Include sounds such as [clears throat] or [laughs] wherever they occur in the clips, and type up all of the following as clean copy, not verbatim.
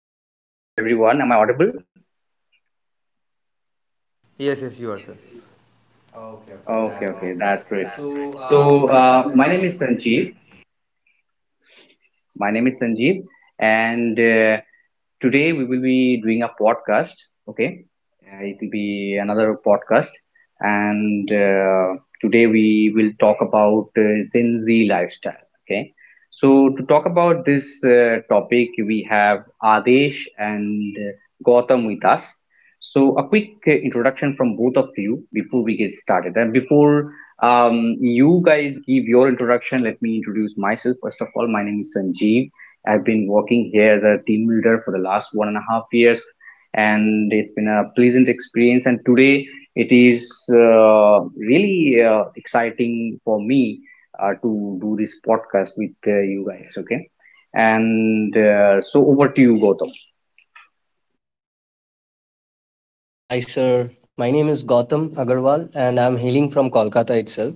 very good morning to everyone. Am I audible? Yes, yes, you are, sir. Okay, okay, that's great. So my name Sanjeev. is Sanjeev. My name is Sanjeev, and Today we will be doing a podcast. Okay, it will be another podcast, and today we will talk about Gen Z lifestyle. Okay, so to talk about this topic, we have Adesh and Gautam with us. So a quick introduction from both of you before we get started, and before you guys give your introduction. Let me introduce myself. First of all, my name is Sanjeev. I've been working here as a team leader for the last 1.5 years, and it's been a pleasant experience. And today, it is really exciting for me to do this podcast with you guys. Okay, and so over to you, Gautam. Hi everyone. Hi sir. My name is Gautam Agarwal and I'm hailing from Kolkata itself.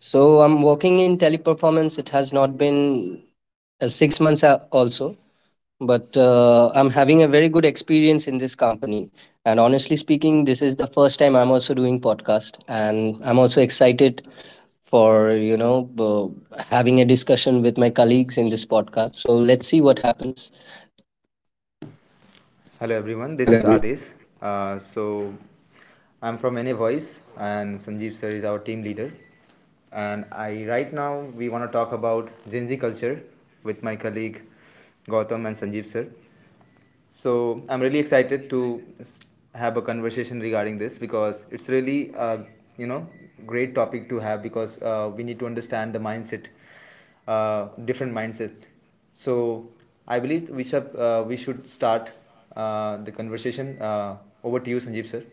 So I'm working in teleperformance. It has not been 6 months also, but I'm having a very good experience in this company. And honestly speaking, this is the first time I'm also doing podcast and I'm also excited for, having a discussion with my colleagues in this podcast. So let's see what happens. Hello, everyone. This is Hello, everyone. Ades. Uh, so, I'm from NA Voice, and Sanjeev sir is our team leader. And I right now we want to talk about Gen Z culture with my colleague Gautam and Sanjeev sir. So I'm really excited to have a conversation regarding this because it's really a you know great topic to have because we need to understand the mindset, different mindsets. So I believe we should we should start the conversation. Over to you, Sanjeev sir.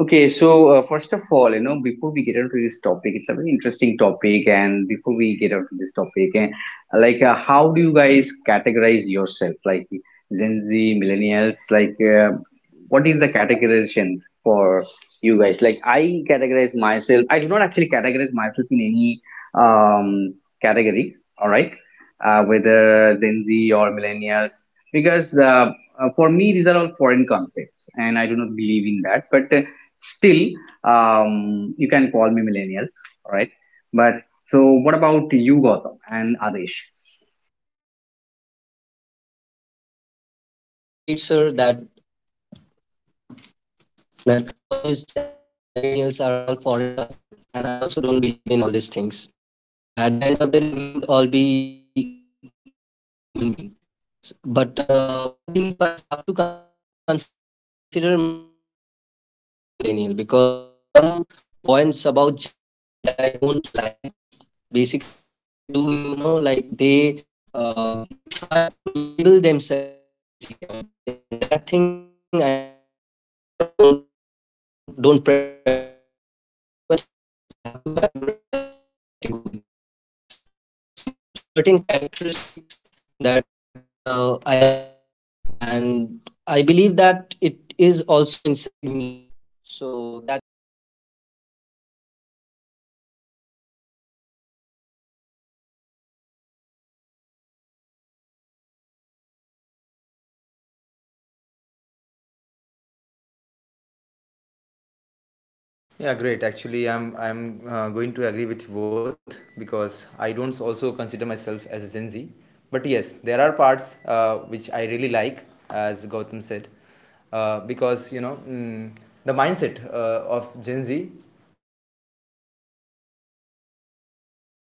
Okay, so first of all, you know, before we get into this topic, it's a very interesting topic, and before we get into this topic, like, how do you guys categorize yourself, like Gen Z, millennials, like, what is the categorization for you guys? Like, I categorize myself. I do not actually categorize myself in any um category. All right, whether Gen Z or millennials, because for me these are all foreign concepts, and I do not believe in that, but still, you can call me millennials, right? But so what about you, Gautam and Adesh? So, [clears throat] as you said, sir, that all these Gen Z and millennials are all foreign concept, and I also don't believe in all these things. At the end of the day, we should all be proud that we are human being. But one thing, if I have to consider myself, I will definitely go ahead with millennial because there are some points about Gen Zs that I don't like. Basically, what they do, you know, like they try to label themselves that I'm a Gen Z, I'm a Gen Z, and that thing I hate the most in the world. So I don't prefer to call myself as a Gen Z. But yeah, like if I have to categorize, I would definitely go with millennial because there are certain characteristics that I love about them, and I believe that it is also inside me. So that's why Yeah, great. Actually, I'm going to agree with you both because I don't also consider myself as a Gen Z. But yes, there are parts which I really like, as Gautam said, because the mindset of Gen Z, uh, like it's like bold, very bold,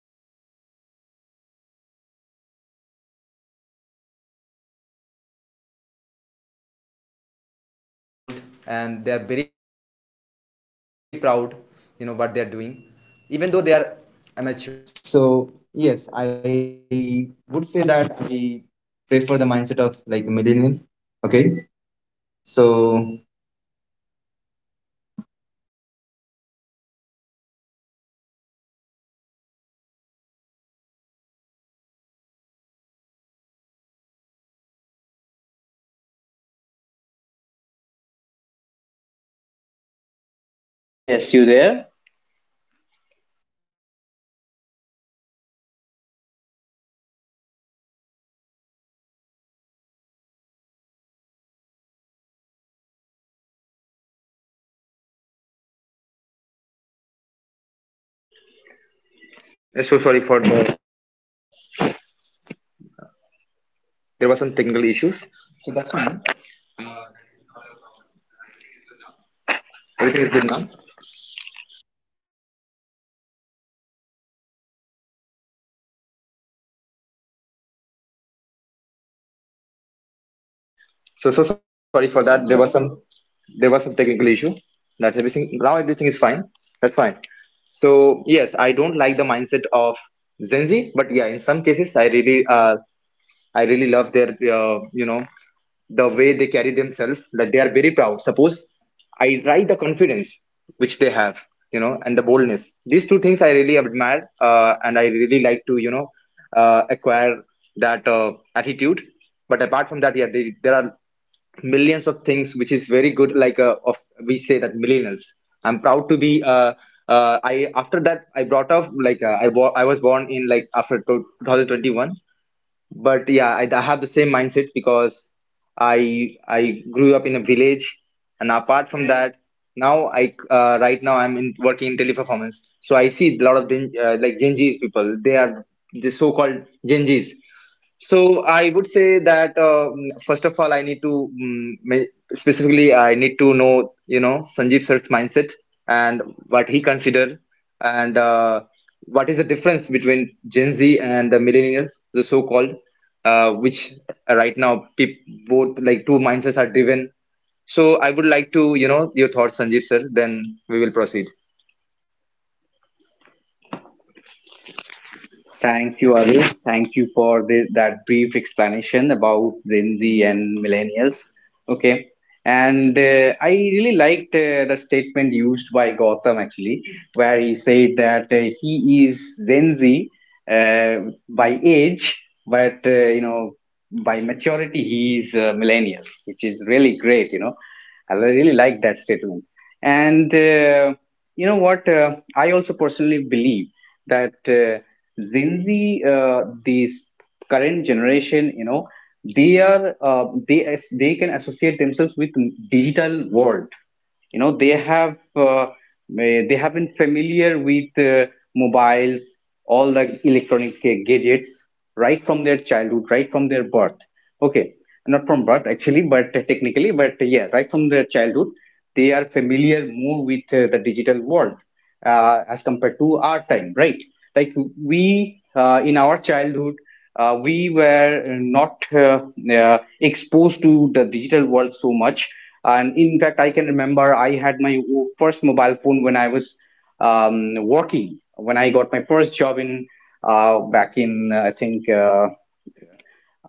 you know, carefree without taking risk if that is the case, like I like the boldness. Like they are very bold and they are very proud, you know, what they are doing, even though they are amateur, right? So yes, I would say that I prefer the mindset of like the millennial. Okay, so reconnecting दिखा रहा है. Yeah, I'm so. फिर मेरा भी same दिखा रहा है आप लेके फोन लेके जा रहे yes you Yes, you there there? Technical issue. So sorry for that. There was some technical issue. That's everything. Now everything is fine. That's fine. So yes, I don't like the mindset of Gen Z, but yeah, in some cases I really love their, you know, the way they carry themselves, that they are very proud. Suppose I write the confidence which they have, you know, and the boldness. These two things I really admire, and I really like to, acquire that attitude. But apart from that, yeah, there are millions of things which is very good. Like of we say that millennials. I'm proud to be. I after that I brought up like I was born in like 2021. But yeah, I have the same mindset because I grew up in a village, and apart from that, now I right now I'm in working in teleperformance. So I see a lot of Gen Zs people. They are the so-called Gen Zs. So I would say that first of all, I need to specifically I need to know, you know, Sanjeev sir's mindset and what he consider and what is the difference between Gen Z and the millennials, the so-called, which right now peop both like two mindsets are driven. So I would like to, you know, your thoughts, Sanjeev sir. Then we will proceed. Thank you, Arul. Thank you for that brief explanation about Gen Z and millennials. Okay. And I really liked the statement used by Gotham actually, where he said that he is Gen Z by age, but you know, by maturity he is millennial, which is really great. You know, I really like that statement. And you know what? I also personally believe that Gen Z, this current generation, you know, they as they can associate themselves with digital world. You know, they have they have been familiar with mobiles, all the electronic gadgets right from their childhood, right from their birth. Okay, not from birth actually, but technically, but yeah, right from their childhood they are familiar more with the digital world, as compared to our time, right? Like we in our childhood, we were not exposed to the digital world so much. And in fact, I can remember I had my first mobile phone when I was working, when I got my first job in back in,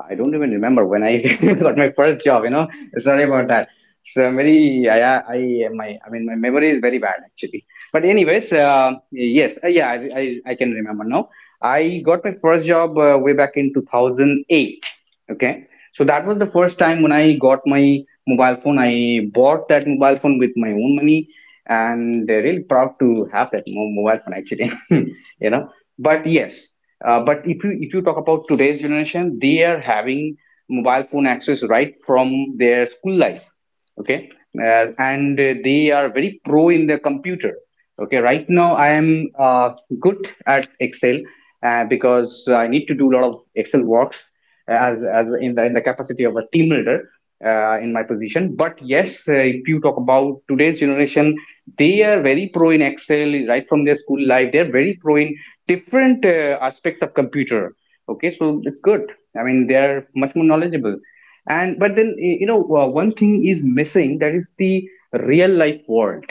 I don't even remember when I [laughs] got my first job, you know. Sorry about that. So I'm very, I mean, my memory is very bad actually. But anyways, yeah, I can remember now. I got my first job way back in 2008. Okay. So that was the first time when I got my mobile phone. I bought that mobile phone with my own money and really proud to have that mobile phone actually, [laughs] you know. But yes, but if you talk about today's generation, they are having mobile phone access right from their school life. Okay, and they are very pro in the computer. Okay, right now I am uh, good at Excel because I need to do a lot of Excel works as in the capacity of a team leader in my position. But yes, if you talk about today's generation, they are very pro in Excel right from their school life. They're very pro in different aspects of computer. Okay, so it's good. I mean, they're much more knowledgeable. And but then you know, one thing is missing, that is the real life world.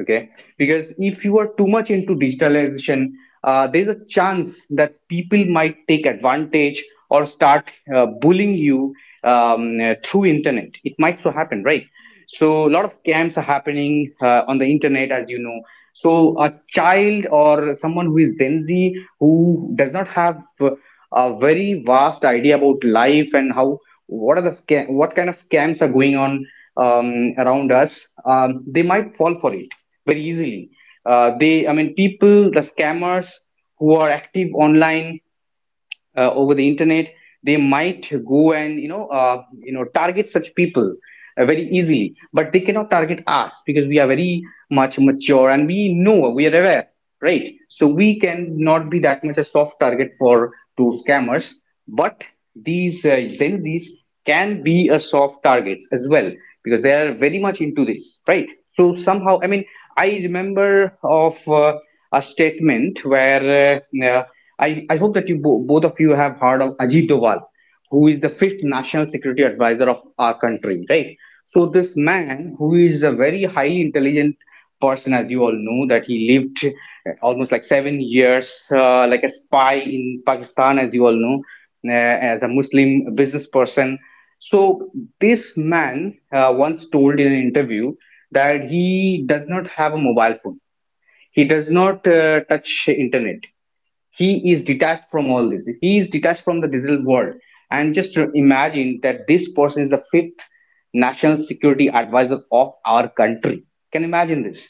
Okay, because if you are too much into digitalization, there's a chance that people might take advantage or start bullying you, through internet. It might so happen, right? So a lot of scams are happening on the internet, as you know. So a child or someone who is Gen Z who does not have a very vast idea about life and how, what are the scam, what kind of scams are going on around us, they might fall for it very easily. I mean, people, the scammers who are active online over the internet, they might go and you know, target such people very easily. But they cannot target us because we are very much mature and we know, we are aware, right? So we cannot be that much a soft target for to scammers. But these Gen Z's can be a soft targets as well because they are very much into this, right? So somehow, I mean, I remember of a statement where I hope that you both of you have heard of Ajit Doval, who is the fifth national security advisor of our country, right? So this man, who is a very highly intelligent person, as you all know, that he lived almost like 7 years like a spy in Pakistan, as you all know, as a Muslim business person. So this man once told in an interview that he does not have a mobile phone, he does not touch internet, he is detached from all this, he is detached from the digital world. And just to imagine that this person is the fifth national security advisor of our country, can you imagine this?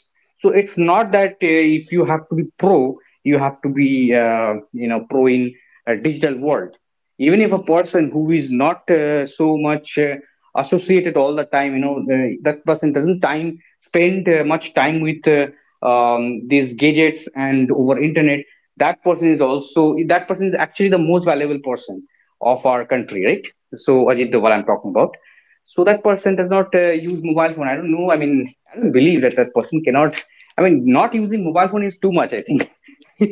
So it's not that if you have to be pro, you have to be uh, you know, pro in a digital world. Even if a person who is not so much associated all the time, you know, that person doesn't time spend much time with these gadgets and over internet, that person is also, that person is actually the most valuable person of our country, right? So Ajit Doval I'm talking about. So that person does not use mobile phone. I don't know, I mean, I don't believe that that person cannot, I mean, not using mobile phone is too much I think. [laughs]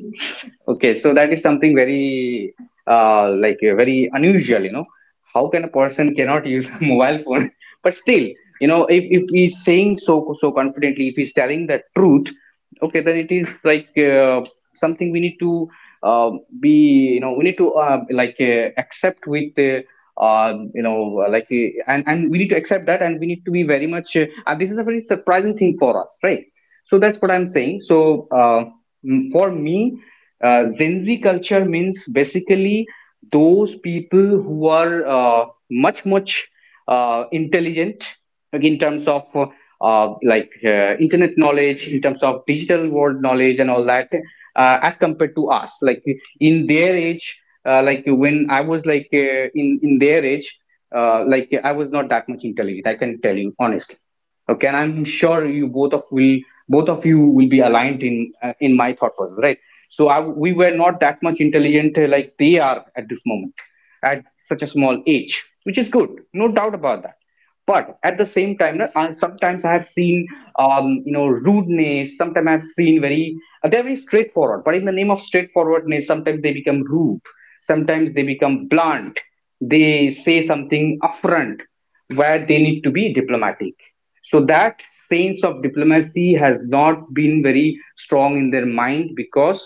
Okay, so that is something very very unusual, you know. How can a person cannot use a [laughs] mobile phone? But still, you know, if he's saying so confidently, if he's telling the truth, okay, then it is like something we need to uh, be, you know, we need to accept with and we need to accept that, and we need to be very much. And this is a very surprising thing for us, right? So that's what I'm saying. So for me, Gen Z culture means basically those people who are much much intelligent, like in terms of internet knowledge, in terms of digital world knowledge and all that, as compared to us. Like in their age, when I was in their age, I was not that much intelligent. I can tell you honestly. Okay, and I'm sure you both of you will be aligned in my thought process, right? So we were not that much intelligent, like they are at this moment at such a small age, which is good, no doubt about that. But at the same time, sometimes I have seen, rudeness. Sometimes I've seen very they're very straightforward, but in the name of straightforwardness, sometimes they become rude, sometimes they become blunt. They say something upfront where they need to be diplomatic. So that sense of diplomacy has not been very strong in their mind because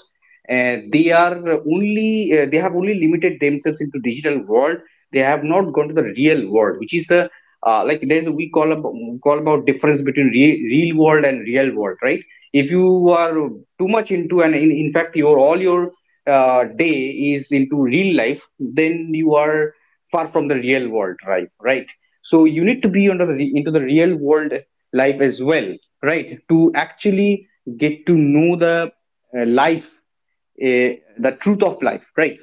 uh, they are they have only limited themselves into digital world. They have not gone to the real world, which is the like there's a we call about difference between real world and real world, right? If you are too much into, in fact, your all your day is into real life, then you are far from the real world, right? Right. So you need to be under the into the real world life as well, right, to actually get to know the life, uh, the truth of life, right?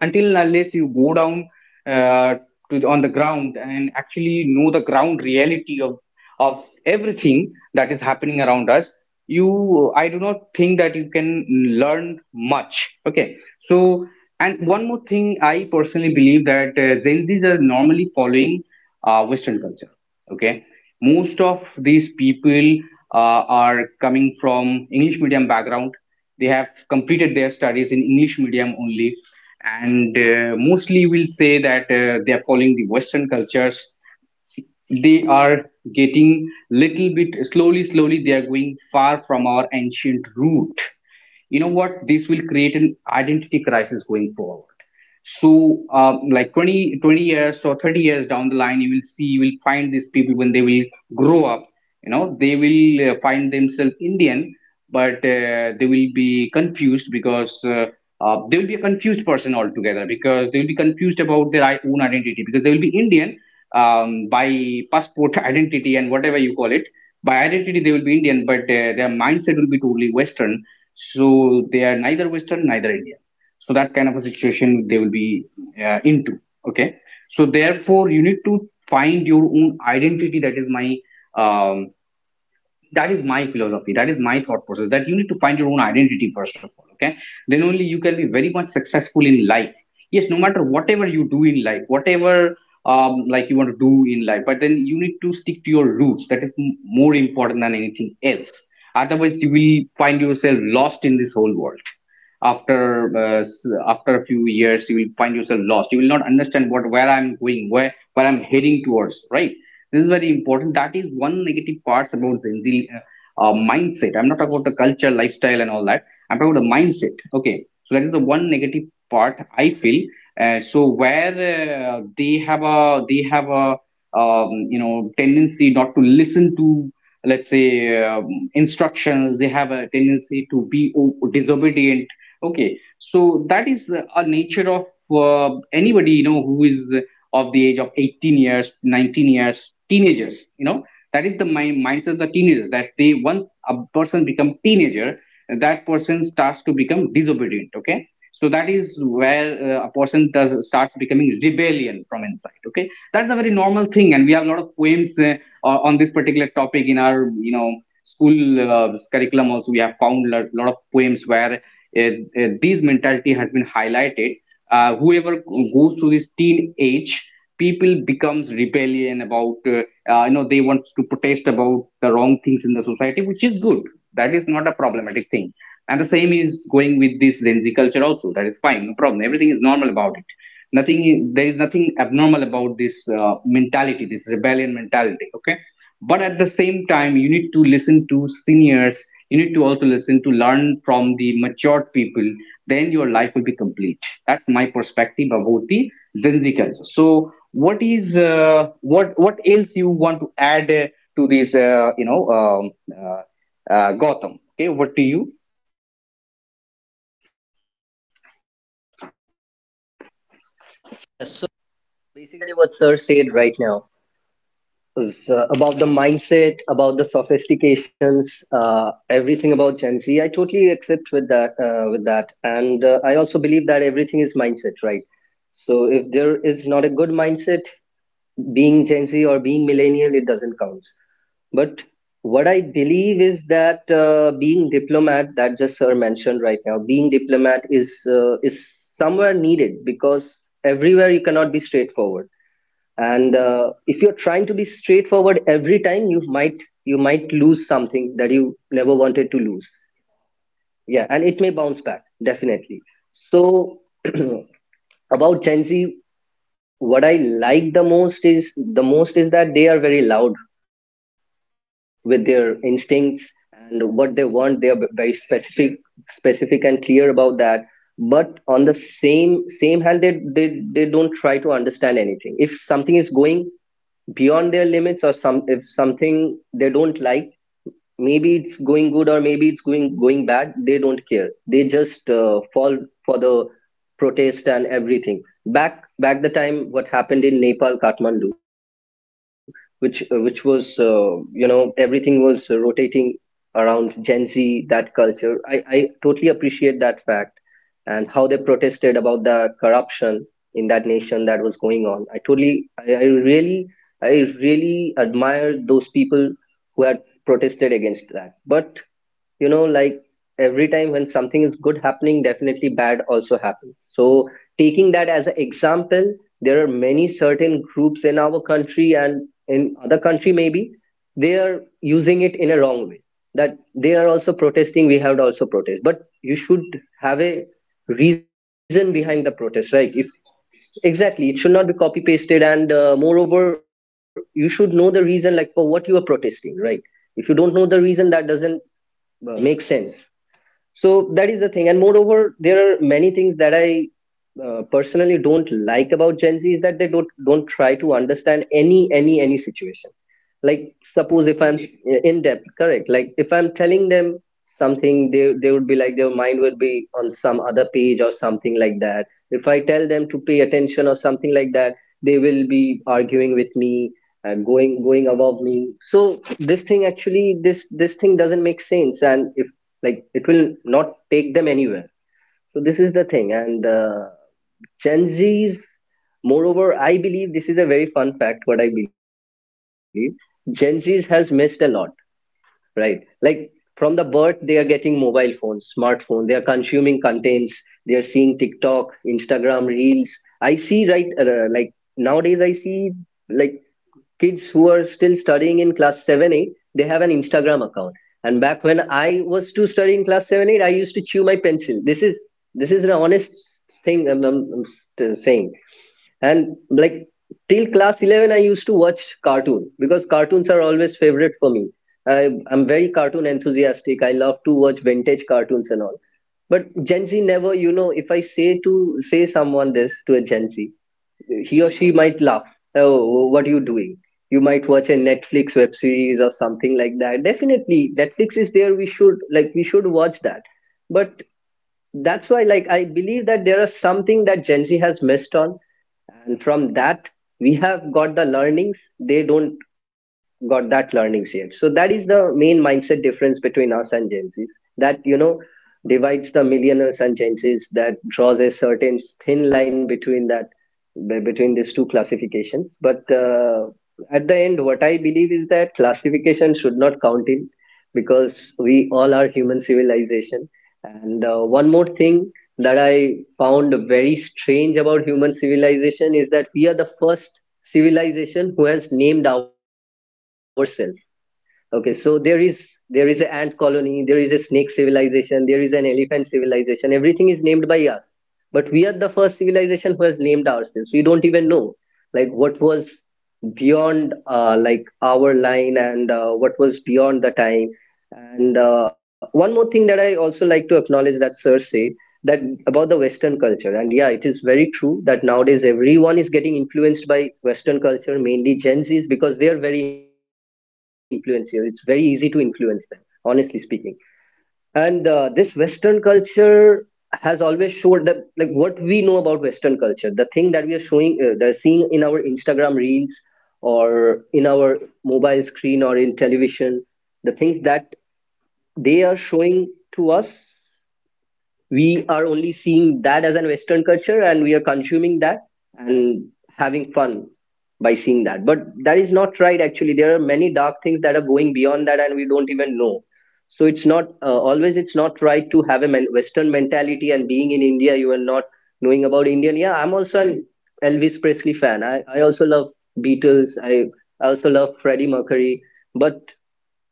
Until unless you go down uh, to on the ground and actually know the ground reality of everything that is happening around us, you I do not think that you can learn much. Okay. So, and one more thing, I personally believe that Gen Z's are normally following Western culture. Okay. Most of these people are coming from English medium background. They have completed their studies in English medium only, and mostly we'll say that they are following the Western cultures. They are getting little bit slowly, slowly. They are going far from our ancient root. You know what? This will create an identity crisis going forward. So, like 20, 20 years or 30 years down the line, you will see, you will find these people when they will grow up, you know, they will find themselves Indian, but they will be confused because they will be a confused person altogether because they will be confused about their own identity because they will be Indian, by passport [laughs] identity and whatever you call it. By identity, they will be Indian, but their mindset will be totally Western. So they are neither Western, neither Indian. So that kind of a situation they will be into. Okay. So therefore, you need to find your own identity. That is my um, philosophy. That is my thought process, that you need to find your own identity first of all. Okay, then only you can be very much successful in life. Yes, no matter whatever you do in life, whatever like you want to do in life, but then you need to stick to your roots. That is more important than anything else. Otherwise, you will find yourself lost in this whole world. After after a few years, you will find yourself lost. You will not understand what where I'm going, where I'm heading towards, right? This is very important. That is one negative part about Gen Z mindset. I'm not talking about the culture, lifestyle, and all that. I'm talking about the mindset. Okay, so that is the one negative part I feel. So where they have a, tendency not to listen to, let's say, instructions. They have a tendency to be disobedient. Okay, so that is a nature of anybody, you know, who is of the age of 18 years, 19 years, teenagers. You know, that is the mindset of the teenagers, that they once a person become teenager, that person starts to become disobedient. Okay, so that is where a person does starts becoming rebellion from inside. Okay, that's a very normal thing, and we have a lot of poems on this particular topic in our, you know, school curriculum. Also, we have found a lot of poems where eh, these mentality has been highlighted. Whoever goes through this teenage, people becomes rebellion about they want to protest about the wrong things in the society, which is good. That is not a problematic thing. And the same is going with this Gen Z culture also. That is fine, no problem. Everything is normal about it. Nothing is, there is nothing abnormal about this mentality, this rebellion mentality. Okay, but at the same time, you need to listen to seniors. You need to also listen to learn from the matured people, then your life will be complete. That's my perspective about the Zenzi culture. So what is what else you want to add to this uh, Gotham? Okay, over to you. Yeah, so basically what sir said right now about the mindset, about the sophistications, everything about Gen Z. I totally accept with that. And I also believe that everything is mindset, right? So if there is not a good mindset, being Gen Z or being millennial, it doesn't count. But what I believe is that being diplomat, that just sir mentioned right now, being diplomat is somewhere needed because everywhere you cannot be straightforward. And if you're trying to be straightforward every time, you might, you might lose something that you never wanted to lose. Yeah, and it may bounce back definitely. So [clears throat] about Gen Z, what I the most is that they are very loud with their instincts, and what they want, they are very specific, and clear about that. But on the same hand, they don't try to understand anything if something is going beyond their limits, or some if something they don't like, maybe it's going good, or maybe it's going bad, they don't care. They just fall for the protest and everything. Back the time, what happened in Nepal, Kathmandu, which was everything was rotating around Gen Z. That culture, I totally appreciate that fact and how they protested about the corruption in that nation that was going on. I totally, I really, I really admire those people who had protested against that. But you know, like every time when something is good happening, definitely bad also happens. So taking that as an example, there are many certain groups in our country and in other country, maybe they are using it in a wrong way. That they are also protesting, we have to also protest. But you should have a reason behind the protest, right? If, exactly. It should not be copy pasted. And moreover, you should know the reason, like for what you are protesting, right? If you don't know the reason, that doesn't make sense. So that is the thing. And moreover, there are many things that I personally don't like about Gen Z is that they don't try to understand any situation. Like suppose if I'm in depth correct, like if I'm telling them something, they would be like their mind would be on some other page or something like that. If I tell them to pay attention or something like that, they will be arguing with me and going above me. So this thing, actually, this thing doesn't make sense. And if, like, it will not take them anywhere. So this is the thing. And Gen Zs, moreover, I believe this is a very fun fact, what I believe. Gen Zs has missed a lot. Right. Like from the birth, they are getting mobile phones, smartphone. They are consuming contents. They are seeing TikTok, Instagram reels. I see, right, like nowadays. I see, like, kids who are still studying in class 7 8, they have an Instagram account. And back when I was to study in class 7 8, I used to chew my pencil. This is an honest thing I'm, I'm saying. And like till class 11, I used to watch cartoon because cartoons are always favorite for me. I'm very cartoon enthusiastic. I love to watch vintage cartoons and all. But Gen Z never, you know, if I say to say someone this to a Gen Z, he or she might laugh. Oh, what are you doing? You might watch a Netflix web series or something like that. Definitely, Netflix is there. We should watch that. But that's why, like, I believe that there is something that Gen Z has missed on, and from that we have got the learnings. They don't got that learnings yet. So that is the main mindset difference between us and Gen Z's that, you know, divides the millennials and Gen Z's, that draws a certain thin line between that between these two classifications. But at the end, what I believe is that classification should not count in because we all are human civilization. And one more thing that I found very strange about human civilization is that we are the first civilization who has named ourselves. Okay, so there is an ant colony, there is a snake civilization, there is an elephant civilization. Everything is named by us, but we are the first civilization who has named ourselves. We don't even know like what was beyond like our line, and what was beyond the time. And one more thing that I also like to acknowledge that sir said, that about the western culture. And yeah, it is very true that nowadays everyone is getting influenced by western culture, mainly Gen Z's, because they are very influential. It's very easy to influence them, honestly speaking. And this western culture has always showed that, like, what we know about western culture, the thing that we are showing that are seeing in our Instagram reels or in our mobile screen or in television, the things that they are showing to us, we are only seeing that as an western culture and we are consuming that and having fun by seeing that. But that is not right, actually. There are many dark things that are going beyond that and we don't even know. So it's not always, it's not right to have a western mentality, and being in India you are not knowing about Indian. Yeah, I'm also an Elvis Presley fan. I also love Beatles. I also love Freddie Mercury. But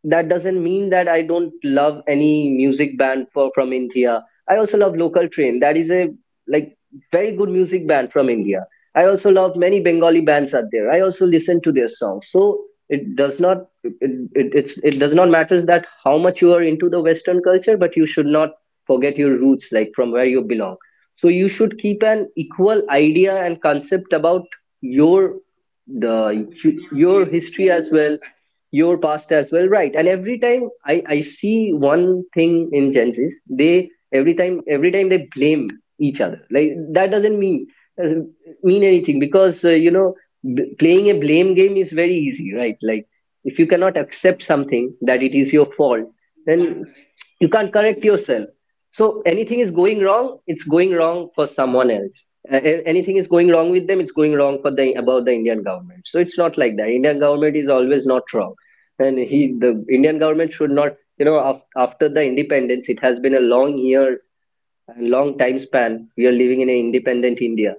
that doesn't mean that I don't love any music band for from India. I also love Local Train. That is a, like, very good music band from India. I also love many Bengali bands out there. I also listen to their songs. So it does not, it, it's it does not matter that how much you are into the Western culture, but you should not forget your roots, like from where you belong. So you should keep an equal idea and concept about your the your history as well, your past as well, right? And every time I see one thing in Gen Z's, they, every time, they blame each other. Like, that doesn't mean anything. Because you know, playing a blame game is very easy, right? Like, if you cannot accept something that it is your fault, then you can't correct yourself. So anything is going wrong, it's going wrong for someone else. Anything is going wrong with them, it's going wrong for the about the Indian government. So it's not like that. Indian government is always not wrong, and he the Indian government should not. You know, after the independence, it has been a long year, a long time span. We are living in an independent India,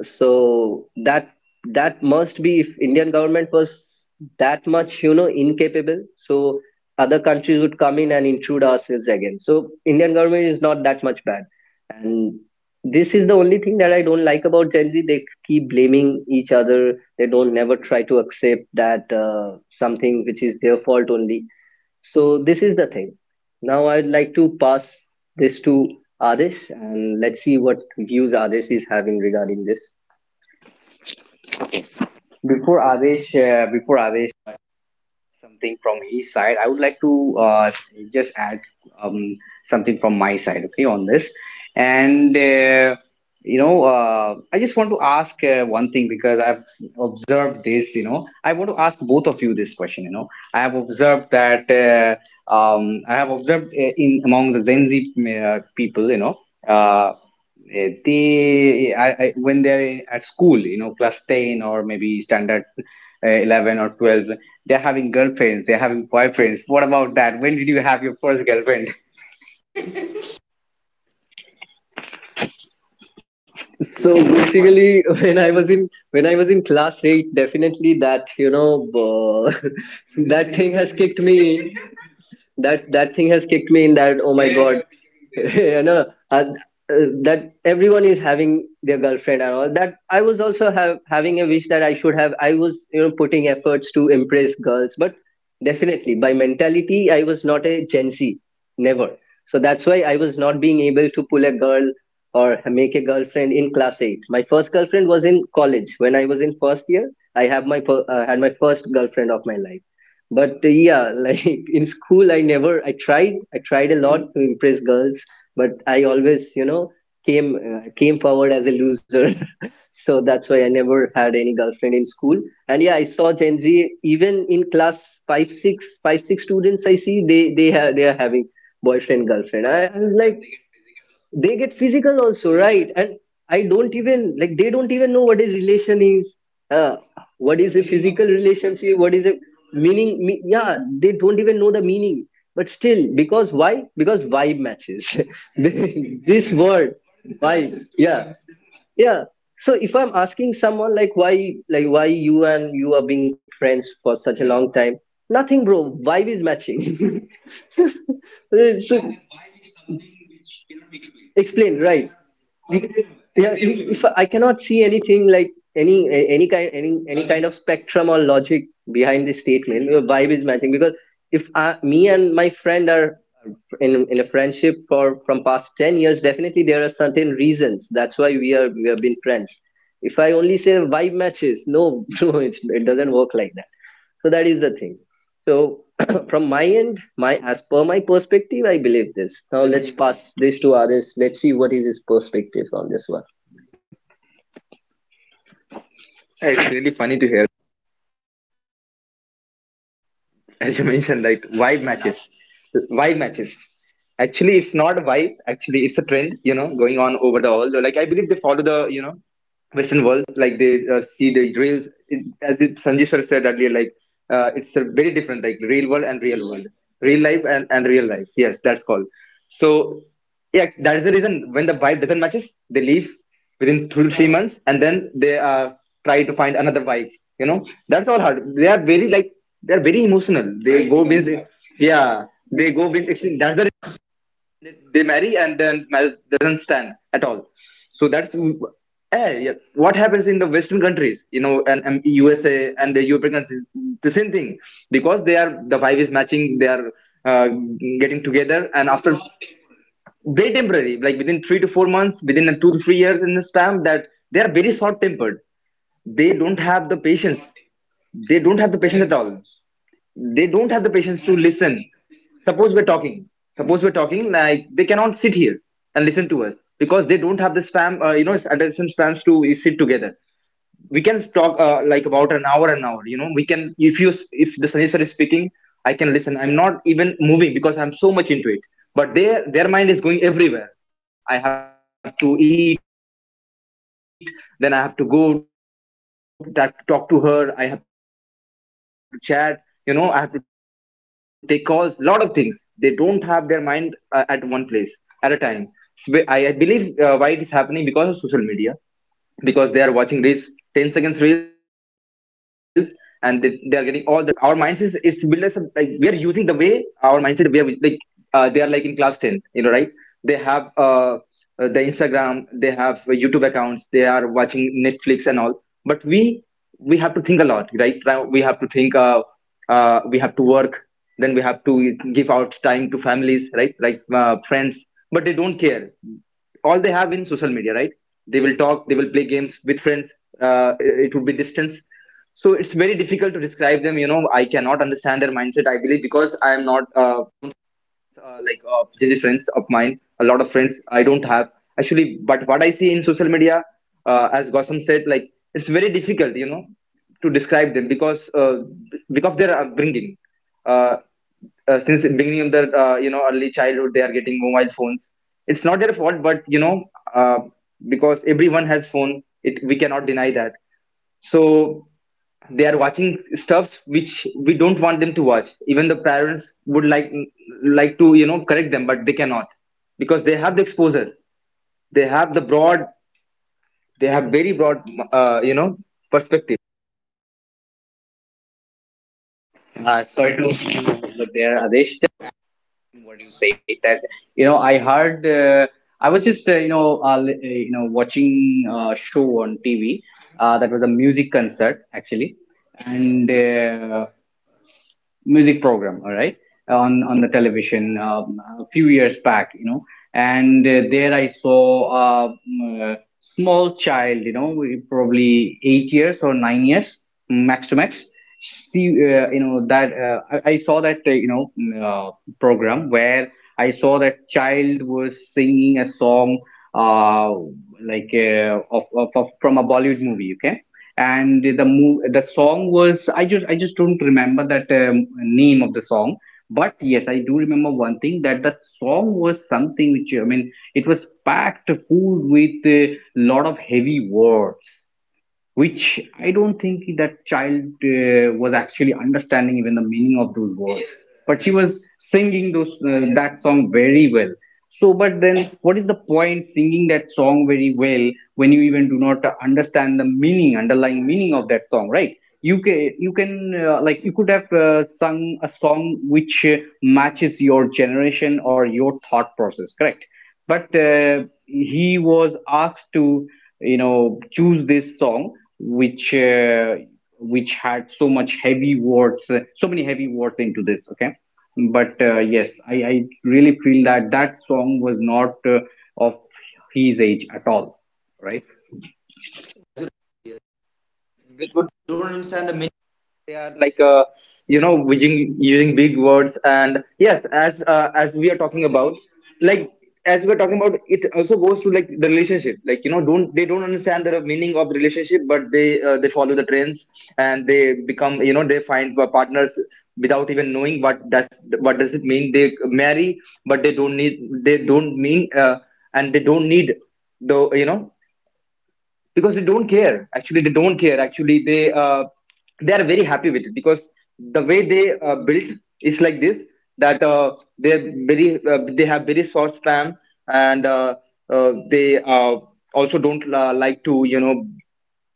so that, that must be, if Indian government was that much, you know, incapable, so other countries would come in and intrude ourselves again. So Indian government is not that much bad. And this is the only thing that I don't like about Gen Z. They keep blaming each other. They don't never try to accept that something which is their fault only. So this is the thing. Now I'd like to pass this to Adesh and let's see what views Adesh is having regarding this. Before Adesh, before Adesh something from his side, I would like to just add um, something from my side, okay, on this. And you know, I just want to ask one thing because I've observed this. You know, I want to ask both of you this question. You know, I have observed that I have observed in among the Gen Z people. You know. Uh, when they're at school, you know, class 10, or maybe standard 11 or 12, they're having girlfriends, they're having boyfriends. What about that? When did you have your first girlfriend? So basically, [laughs] when I was in class eight, definitely that, you know, [laughs] that thing has kicked me in, that, oh my god, [laughs] you know, uh, uh, that everyone is having their girlfriend and all that. I was also have having a wish that I should have. I was, you know, putting efforts to impress girls. But definitely by mentality I was not a Gen Z, never. So that's why I was not being able to pull a girl or make a girlfriend in class 8. My first girlfriend was in college when I was in first year. I had my first girlfriend of my life. But yeah, like, [laughs] in school I never, I tried a lot to impress girls, but I always, you know, came, came forward as a loser. [laughs] So that's why I never had any girlfriend in school. And yeah, I saw Gen Z even in class five six, students. I see they have they are having boyfriend, girlfriend. I was like, they get physical also, right? And I don't even, like, they don't even know what is relation is. uh, what is a physical relationship, what is a meaning. Yeah, they don't even know the meaning. But still, because, why? Because vibe matches. [laughs] This word, vibe. Yeah. Yeah. So if I'm asking someone like, why, like, why you and you are being friends for such a long time? Nothing bro, vibe is matching. [laughs] So, explain, right? Be- yeah, if I cannot see anything, like any any kind, any kind of spectrum or logic behind this statement, your vibe is matching. Because if I, me and my friend are in a friendship for from past 10 years, definitely there are certain reasons that's why we have been friends. If I only say vibe matches, no, [laughs] no, it doesn't work like that. So that is the thing. So [clears throat] from my end, my as per my perspective, I believe this. Now let's pass this to others. Let's see what is his perspective on this one. Yeah, it's really funny to hear, [laughs] as you mentioned, like, vibe matches. Vibe matches. Actually, it's not a vibe. Actually, it's a trend, you know, going on over the all. Like, I believe they follow the, you know, Western world, like they, see the real, it, as if Sanjay sir said earlier, like, it's a very different, like, real world and real world, real life and real life. Yes, that's called. So yeah, that is the reason. When the vibe doesn't matches, they leave within 2 to 3 months, and then they, try to find another vibe. You know, that's all hard. They are very, like, they are very emotional. They go with, yeah, they go with. That's the, they marry and then marriage doesn't stand at all. So that's, yeah, what happens in the Western countries, you know, and USA and the European countries, the same thing. Because they are, the vibe is matching, they are, uh, getting together, and after very temporary, like within 3 to 4 months, within a 2 to 3 years in the span, that they are very short tempered. They don't have the patience. They don't have the patience at all. They don't have the patience to listen. Suppose we're talking. Suppose we're talking like they cannot sit here and listen to us because they don't have the attention spans to sit together. We can talk like about an hour, you know. We can, if the Sunny sir is speaking, I can listen, I'm not even moving because I'm so much into it. But their mind is going everywhere. I have to eat, then I have to talk to her, I have to chat, you know, I have to take calls, lot of things. They don't have their mind at one place at a time. So I believe, why it is happening, because of social media, because they are watching these 10 seconds reels, and they are getting all the dopamines. It happens here. Our mindset is, it's built as a, like we are using the way, our mindset we are like, they are like in class 10, you know, right? They have the Instagram, they have YouTube accounts, they are watching Netflix and all. But we have to think a lot. Right now we have to think, we have to work, then we have to give out time to families, right, like friends. But they don't care, all they have in social media, right? They will talk, they will play games with friends. Uh, it would be distance. So it's very difficult to describe them, you know, I cannot understand their mindset. I believe, because I am not like JJ friends of mine, a lot of friends I don't have actually. But what I see in social media, as Gossam said, like it's very difficult, you know, to describe them, because their upbringing. Uh, since the beginning of their you know early childhood, they are getting mobile phones. It's not their fault, but you know, uh, because everyone has phone, it we cannot deny that. So they are watching stuffs which we don't want them to watch. Even the parents would like to you know correct them, but they cannot, because they have the exposure, they have the broad, they have very broad, you know, perspective. I do see you over there, Adesh, what you say that, you know, I heard. I was just, you know, you know, watching a show on TV. That was a music concert actually, and music program, all right, on the television, a few years back, you know, and there I saw a, small child, you know, probably 8 years or 9 years, max to max. She, you know, that uh, I saw that, uh, program where I saw that child was singing a song, uh like of from a Bollywood movie, okay, and the song was, I just don't remember that, name of the song. But yes, I do remember one thing, that that song was something which, I mean, it was packed full with a lot of heavy words, which I don't think that child was actually understanding even the meaning of those words. But she was singing those that song very well. So, but then what is the point singing that song very well when you even do not understand the meaning, underlying meaning of that song, right? You can, like you could have sung a song which matches your generation or your thought process, correct? But he was asked to, you know, choose this song which uh, which had so much heavy words, so many heavy words into this, okay? But yes, I really feel that that song was not of his age at all, right? They are like, you know, using big words. And yes, as we are talking about, like, as we're talking about, it also goes to like the relationship, like, you know, don't they don't understand the meaning of the relationship, but they follow the trends, and they become, you know, they find partners without even knowing what that, what does it mean. They marry, but they don't need, they don't mean, and they don't need the, you know, because they don't care actually, they don't care actually, they are very happy with it, because the way they built is like this, that they are very they have very short spam, and they also don't like to, you know,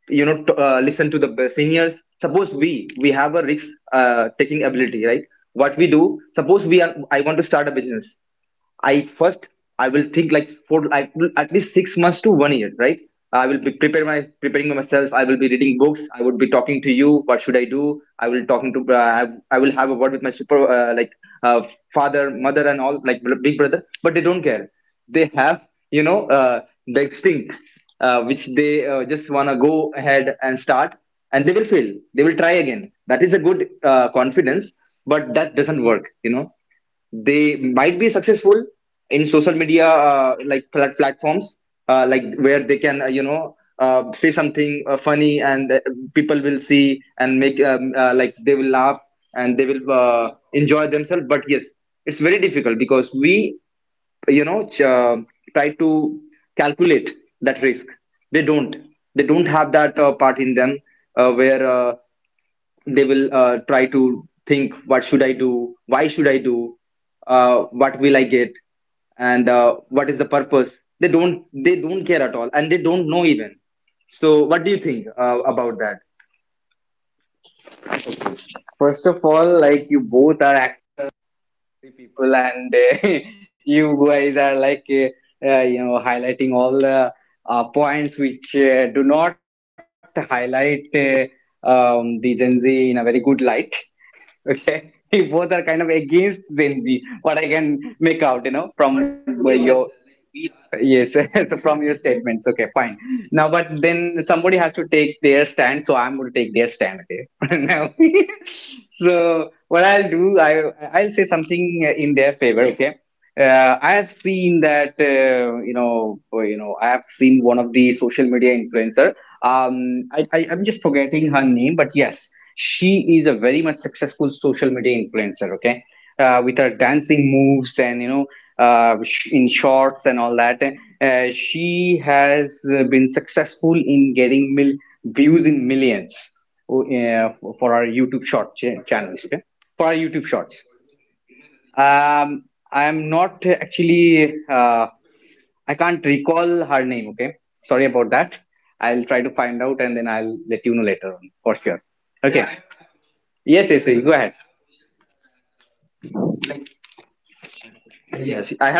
listen to the seniors. Suppose we have a risk taking ability, right? What we do, suppose we are, I want to start a business. I first, I will think like for, I will at least 6 months to one year, right? I will be prepare my preparing myself. I will be reading books. I would be talking to you. What should I do? I will talking to uh, I will have a word with my super like uh, father, mother, and all, like big brother. But they don't care. They have, you know, the instinct, which they just want to go ahead and start, and they will fail, they will try again, that is a good confidence. But that doesn't work, you know. They might be successful in social media, like platforms, like where they can, you know, say something funny, and people will see and make, like they will laugh, and they will enjoy themselves. But yes, it's very difficult, because we, you know, try to calculate that risk. They don't, they don't have that part in them, where they will try to think what should I do, why should I do, uh, what will I get, and what is the purpose. They don't, they don't care at all, and they don't know even. So what do you think about that? First of all, like, you both are the people, and [laughs] you guys are like, you know, highlighting all the points which do not highlight, the Gen Z in a very good light. Okay, [laughs] both are kind of against Gen Z. What I can make out, you know, from your, yes, [laughs] so from your statements, okay, fine. Now, but then somebody has to take their stand, so I'm going to take their stand, okay? [laughs] Now, [laughs] so what I'll do, I'll say something in their favor, okay? I have seen that, you know, I have seen one of the social media influencer. I'm just forgetting her name, but yes, she is a very much successful social media influencer, okay? Uh, with her dancing moves, and you know, in shorts and all that. She has been successful in getting views in millions, oh, for our YouTube channels. Okay, for our YouTube shorts. Um, I am not, actually. I can't recall her name. Okay, sorry about that. I'll try to find out and then I'll let you know later on, for sure. Okay. Yes, yes, yes. Go ahead. Yes, I.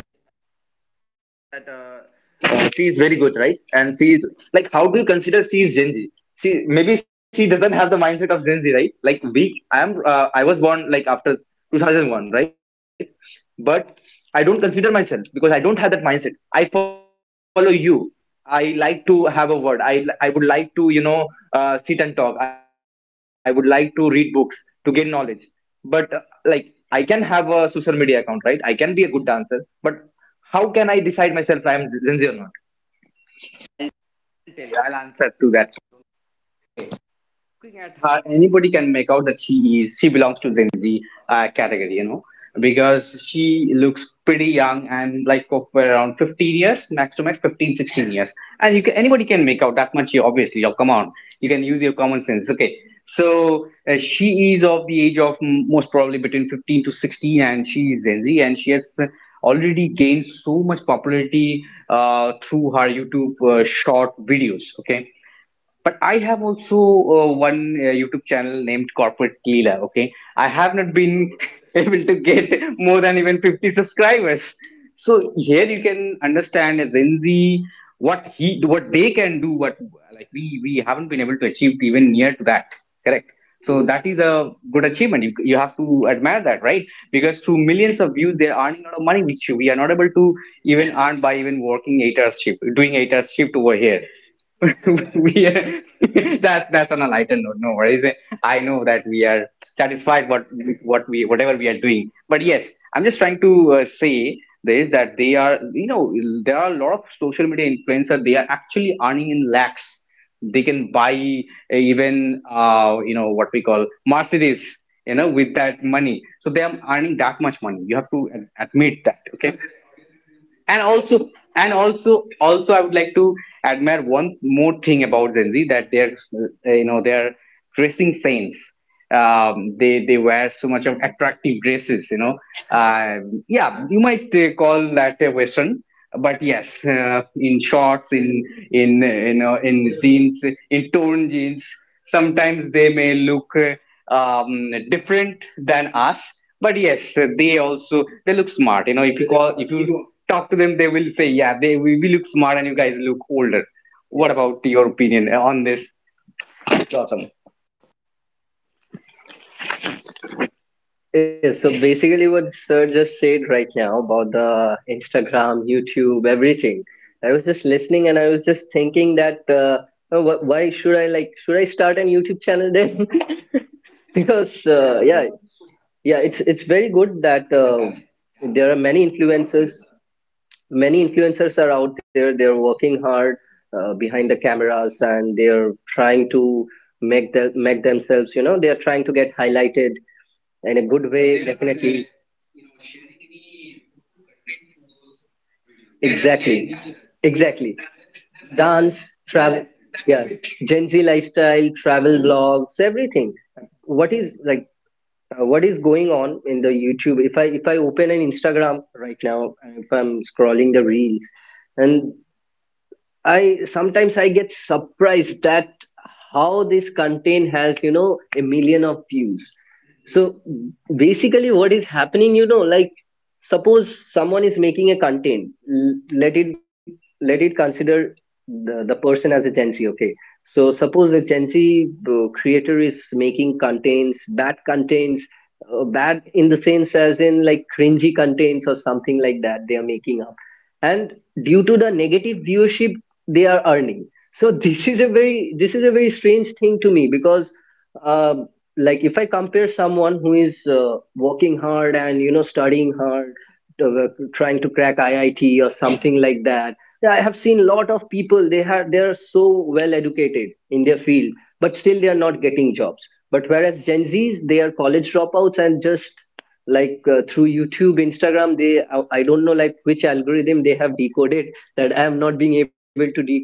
That she is very good, right? And she is, like, how do you consider she is Gen Z? She maybe, she doesn't have the mindset of Gen Z, right? Like we, I was born like after 2001, right? But I don't consider myself, because I don't have that mindset. I follow you. I like to have a word. I would like to, you know, sit and talk. I would like to read books to gain knowledge. But like I can have a social media account, right? I can be a good dancer, but how can I decide myself I am Gen Z or not? I'll answer to that. Looking at her, anybody can make out that she belongs to Gen Z category, you know, because she looks pretty young and like of around 15 years, max to max 15, 16 years, and you can, anybody can make out that much. You obviously, oh come on, you can use your common sense. Okay, so she is of the age of, most probably between 15 to 16, and she is Gen Z, and she has, already gained so much popularity through her YouTube short videos. Okay, but I have also one YouTube channel named Corporate Leela. Okay, I have not been [laughs] able to get more than even 50 subscribers. So here you can understand, as Gen Z what he what they can do, what, like we haven't been able to achieve even near to that. Correct. So that is a good achievement. You have to admire that, right? Because through millions of views, they're earning a lot of money, which we are not able to even earn by even working 8 hours shift, doing 8 hours shift over here. [laughs] We are [laughs] That's on a lighter note, no worries. I know that we are satisfied what with what we whatever we are doing, but yes, I'm just trying to say this that they are there are a lot of social media influencers, they are actually earning in lakhs. They can buy even you know, what we call Mercedes, you know, with that money. So they are earning that much money, you have to admit that, okay. And also and also also I would like to admire one more thing about Gen Z, that they're you know, their dressing sense. They wear so much of attractive dresses, you know. uh, yeah, you might call that a western, but yes, in shorts, in you know, in jeans, in torn jeans. Sometimes they may look different than us. But yes, they also they look smart. You know, if you call if you talk to them, they will say, yeah, we look smart and you guys look older. What about your opinion on this, Gautam? Yeah, so basically, what Sir just said right now about the Instagram, YouTube, everything. I was just listening and I was just thinking that oh, why should I, like, should I start an YouTube channel then? [laughs] Because yeah, yeah, it's very good that there are many influencers, many influencers are out there, they're working hard behind the cameras, and they're trying to make themselves, you know, they're trying to get highlighted in a good way, definitely. Exactly. Exactly. Dance, travel. Yeah, Gen Z lifestyle, travel blogs, everything. What is, like, what is going on in the YouTube. If I open an Instagram right now and if I'm scrolling the reels, and I sometimes I get surprised that how this content has, you know, a million of views. So basically, what is happening, you know, like suppose someone is making a content, let it, let it consider the person as a Gen Z, okay. So suppose the Gen Z creator is making contents, bad in the sense, as in like cringy contents or something like that they are making up. And due to the negative viewership they are earning. So [laughs] this is a very strange thing to me because um, like if I compare someone who is working hard and you know studying hard, uh, trying to crack IIT or something like that. Yeah, I have seen a lot of people, they are so well educated in their field but still they are not getting jobs. But whereas Gen Z's, they are college dropouts, and just like through YouTube, Instagram, they I don't know like which algorithm they have decoded that I am not being able to decode.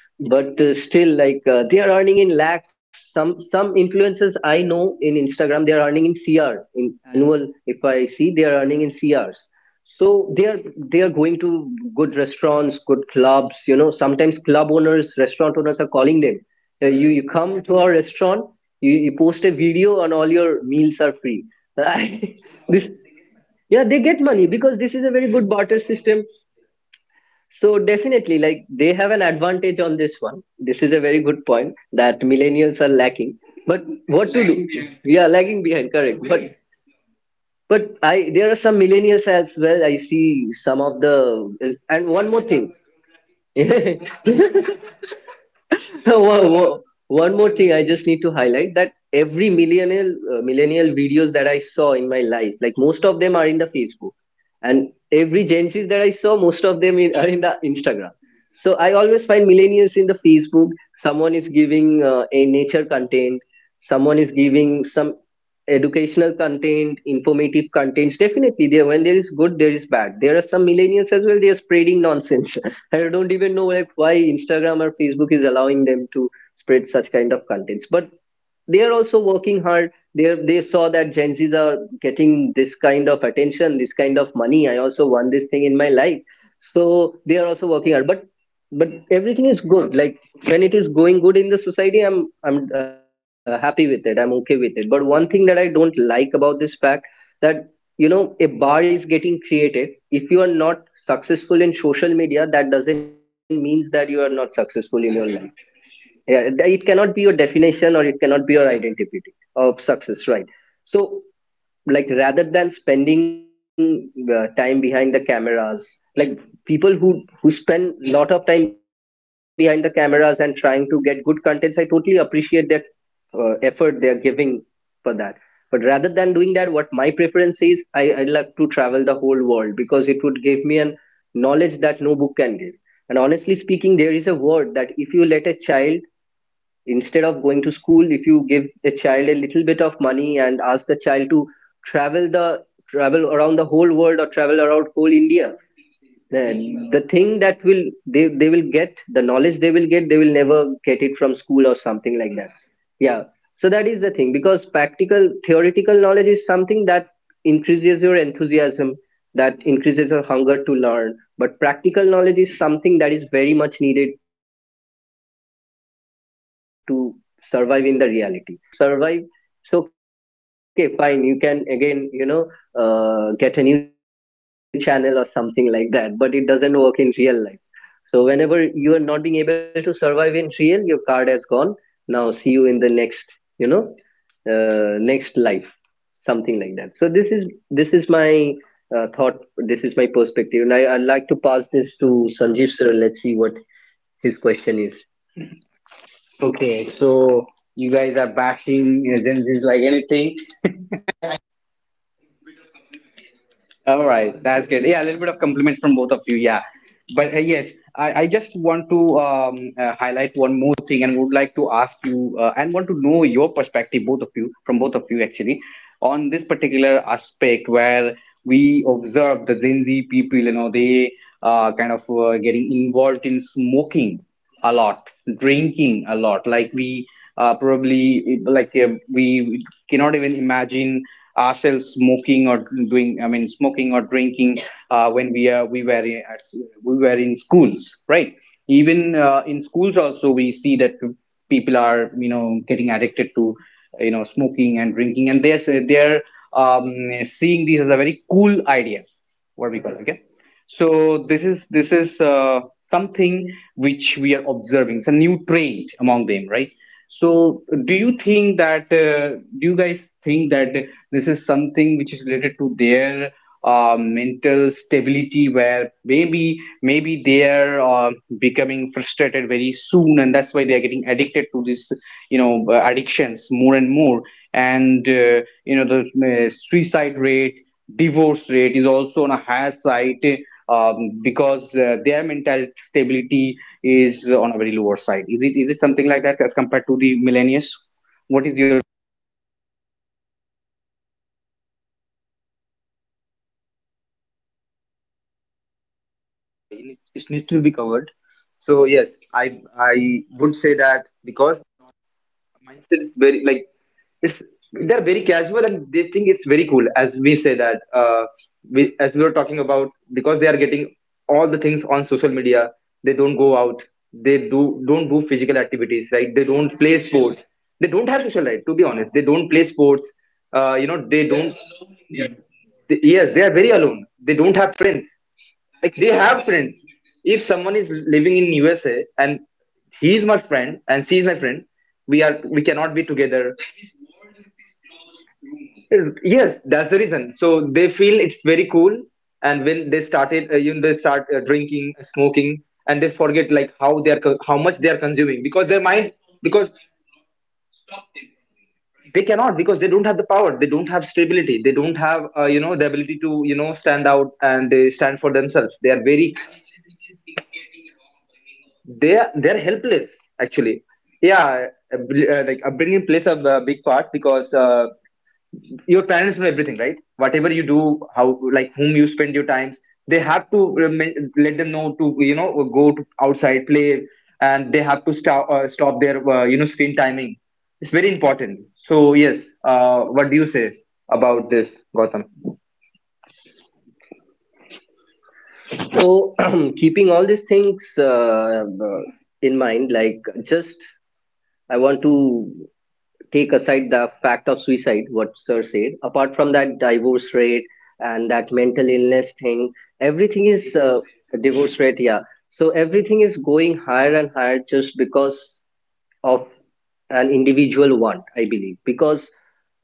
But still, like, they are earning in lakhs. Some influencers I know in Instagram, they are earning in cr, in annual if I see, they are earning in crs. So they are, they are going to good restaurants, good clubs. You know, sometimes club owners, restaurant owners are calling them. You you come to our restaurant, you post a video, and all your meals are free. [laughs] This, yeah, they get money because this is a very good barter system. So definitely, like they have an advantage on this one. This is a very good point that millennials are lacking. But what to do? Yeah, lagging behind. Correct. But. But I, there are some millennials as well. I see some of the, and one more thing. [laughs] one, one- one more thing I just need to highlight, that every millennial millennial videos that I saw in my life, like most of them are in the Facebook, and every Gen Zs that I saw, most of them in, are in the Instagram. So I always find millennials in the Facebook. Someone is giving a nature content, someone is giving some educational content, informative contents. Definitely, there when there is good, there is bad. There are some millennials as well. They are spreading nonsense, [laughs] and I don't even know, like, why Instagram or Facebook is allowing them to spread such kind of contents. But they are also working hard. They saw that Gen Z's are getting this kind of attention, this kind of money, I also want this thing in my life. So they are also working hard, but everything is good. Like when it is going good in the society, I'm happy with it, I'm okay with it. But one thing that I don't like about this fact, that you know a bar is getting created, if you are not successful in social media, that doesn't mean that you are not successful in your life. Yeah, it cannot be your definition, or it cannot be your identity of success, right? So, like, rather than spending time behind the cameras, like, people who spend lot of time behind the cameras and trying to get good contents, I totally appreciate that effort they are giving for that. But rather than doing that, what my preference is, I like to travel the whole world because it would give me an knowledge that no book can give. And honestly speaking, there is a word that if you let a child, instead of going to school, if you give the child a little bit of money and ask the child to travel the travel around the whole world, or travel around whole India, the thing that will they will get, the knowledge they will get, they will never get it from school or something like that. Yeah. So that is the thing, because practical theoretical knowledge is something that increases your enthusiasm, that increases your hunger to learn, but practical knowledge is something that is very much needed to survive in the reality. You can survive in the real any time. If you are not [laughs] not being able to survive, it's okay, fine, you can again, you know, get a new channel or something like that. But it doesn't work in real life. So whenever you are not being able to survive in real, your card has gone. Now see you in the next, you know, next life, something like that. So this is my thought. This is my perspective, and I'd like to pass this to Sanjeev sir. Let's see what his question is. Okay, so you guys are bashing, you know, Gen Zs like anything. All right, that's good. Yeah, a little bit of compliments from both of you. Yeah, but yes, I just want to highlight one more thing and would like to ask you and want to know your perspective, both of you, from both of you actually, on this particular aspect where we observe the Gen Z people, you know, they kind of getting involved in smoking a lot, drinking a lot. Like we probably, like, we cannot even imagine ourselves smoking or doing. I mean, smoking or drinking when we are we were at, we were in schools, right? Even in schools also we see that people are, you know, getting addicted to, you know, smoking and drinking, and they're um, seeing this as a very cool idea. What we call it, okay? So this is something which we are observing. It's a new trend among them, right? So do you think that do you guys think that this is something which is related to their mental stability, where maybe maybe they are becoming frustrated very soon, and that's why they are getting addicted to this, you know, addictions more and more, and you know the suicide rate, divorce rate is also on a higher side, um, because their mental stability is on a very lower side. Is it, is it something like that as compared to the millennials? What is your. It needs to be covered. So yes, I would say that because mindset is very, like, it's they're very casual and they think it's very cool, as we say that, as we were talking about, because they are getting all the things on social media. They don't go out, they do don't do physical activities, like they don't play sports, they don't have social life, to be honest. They don't play sports, you know they don't they, yes, they are very alone, they don't have friends, like they have friends. If someone is living in USA and he's my friend and she's my friend, we are, we cannot be together. Yes, that's the reason. So they feel it's very cool. And when they started, they start drinking, smoking, and they forget, like, how they are how much they are consuming, because their mind, because they cannot, because they don't have the power, they don't have stability, they don't have, the ability to, you know, stand out and they stand for themselves. They are very, they're helpless, actually. Yeah. Like, upbringing plays a big part, because your parents know everything, right? Whatever you do, how, like, whom you spend your times, they have to let them know to, you know, go to outside play. And they have to stop, stop their, you know, screen timing. It's very important. So yes, what do you say about this, Gotham? So, [clears throat] keeping all these things in mind, like, just, I want to take aside the fact of suicide, what sir said. Apart from that, divorce rate and that mental illness thing, everything is, divorce rate. Yeah, so everything is going higher and higher just because of an individual want, I believe. Because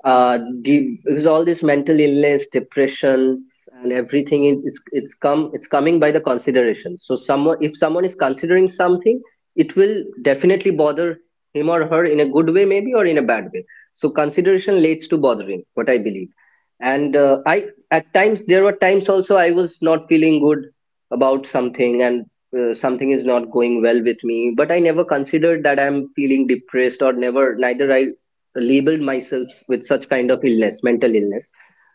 because all this mental illness, depression, and everything is, it's coming by the consideration. So someone, if someone is considering something, it will definitely bother him or her in a good way, maybe, or in a bad way. So consideration leads to bothering, what I believe. And I, at times, there were times also I was not feeling good about something, and something is not going well with me, but I never considered that I'm feeling depressed, or never, neither I labeled myself with such kind of illness, mental illness.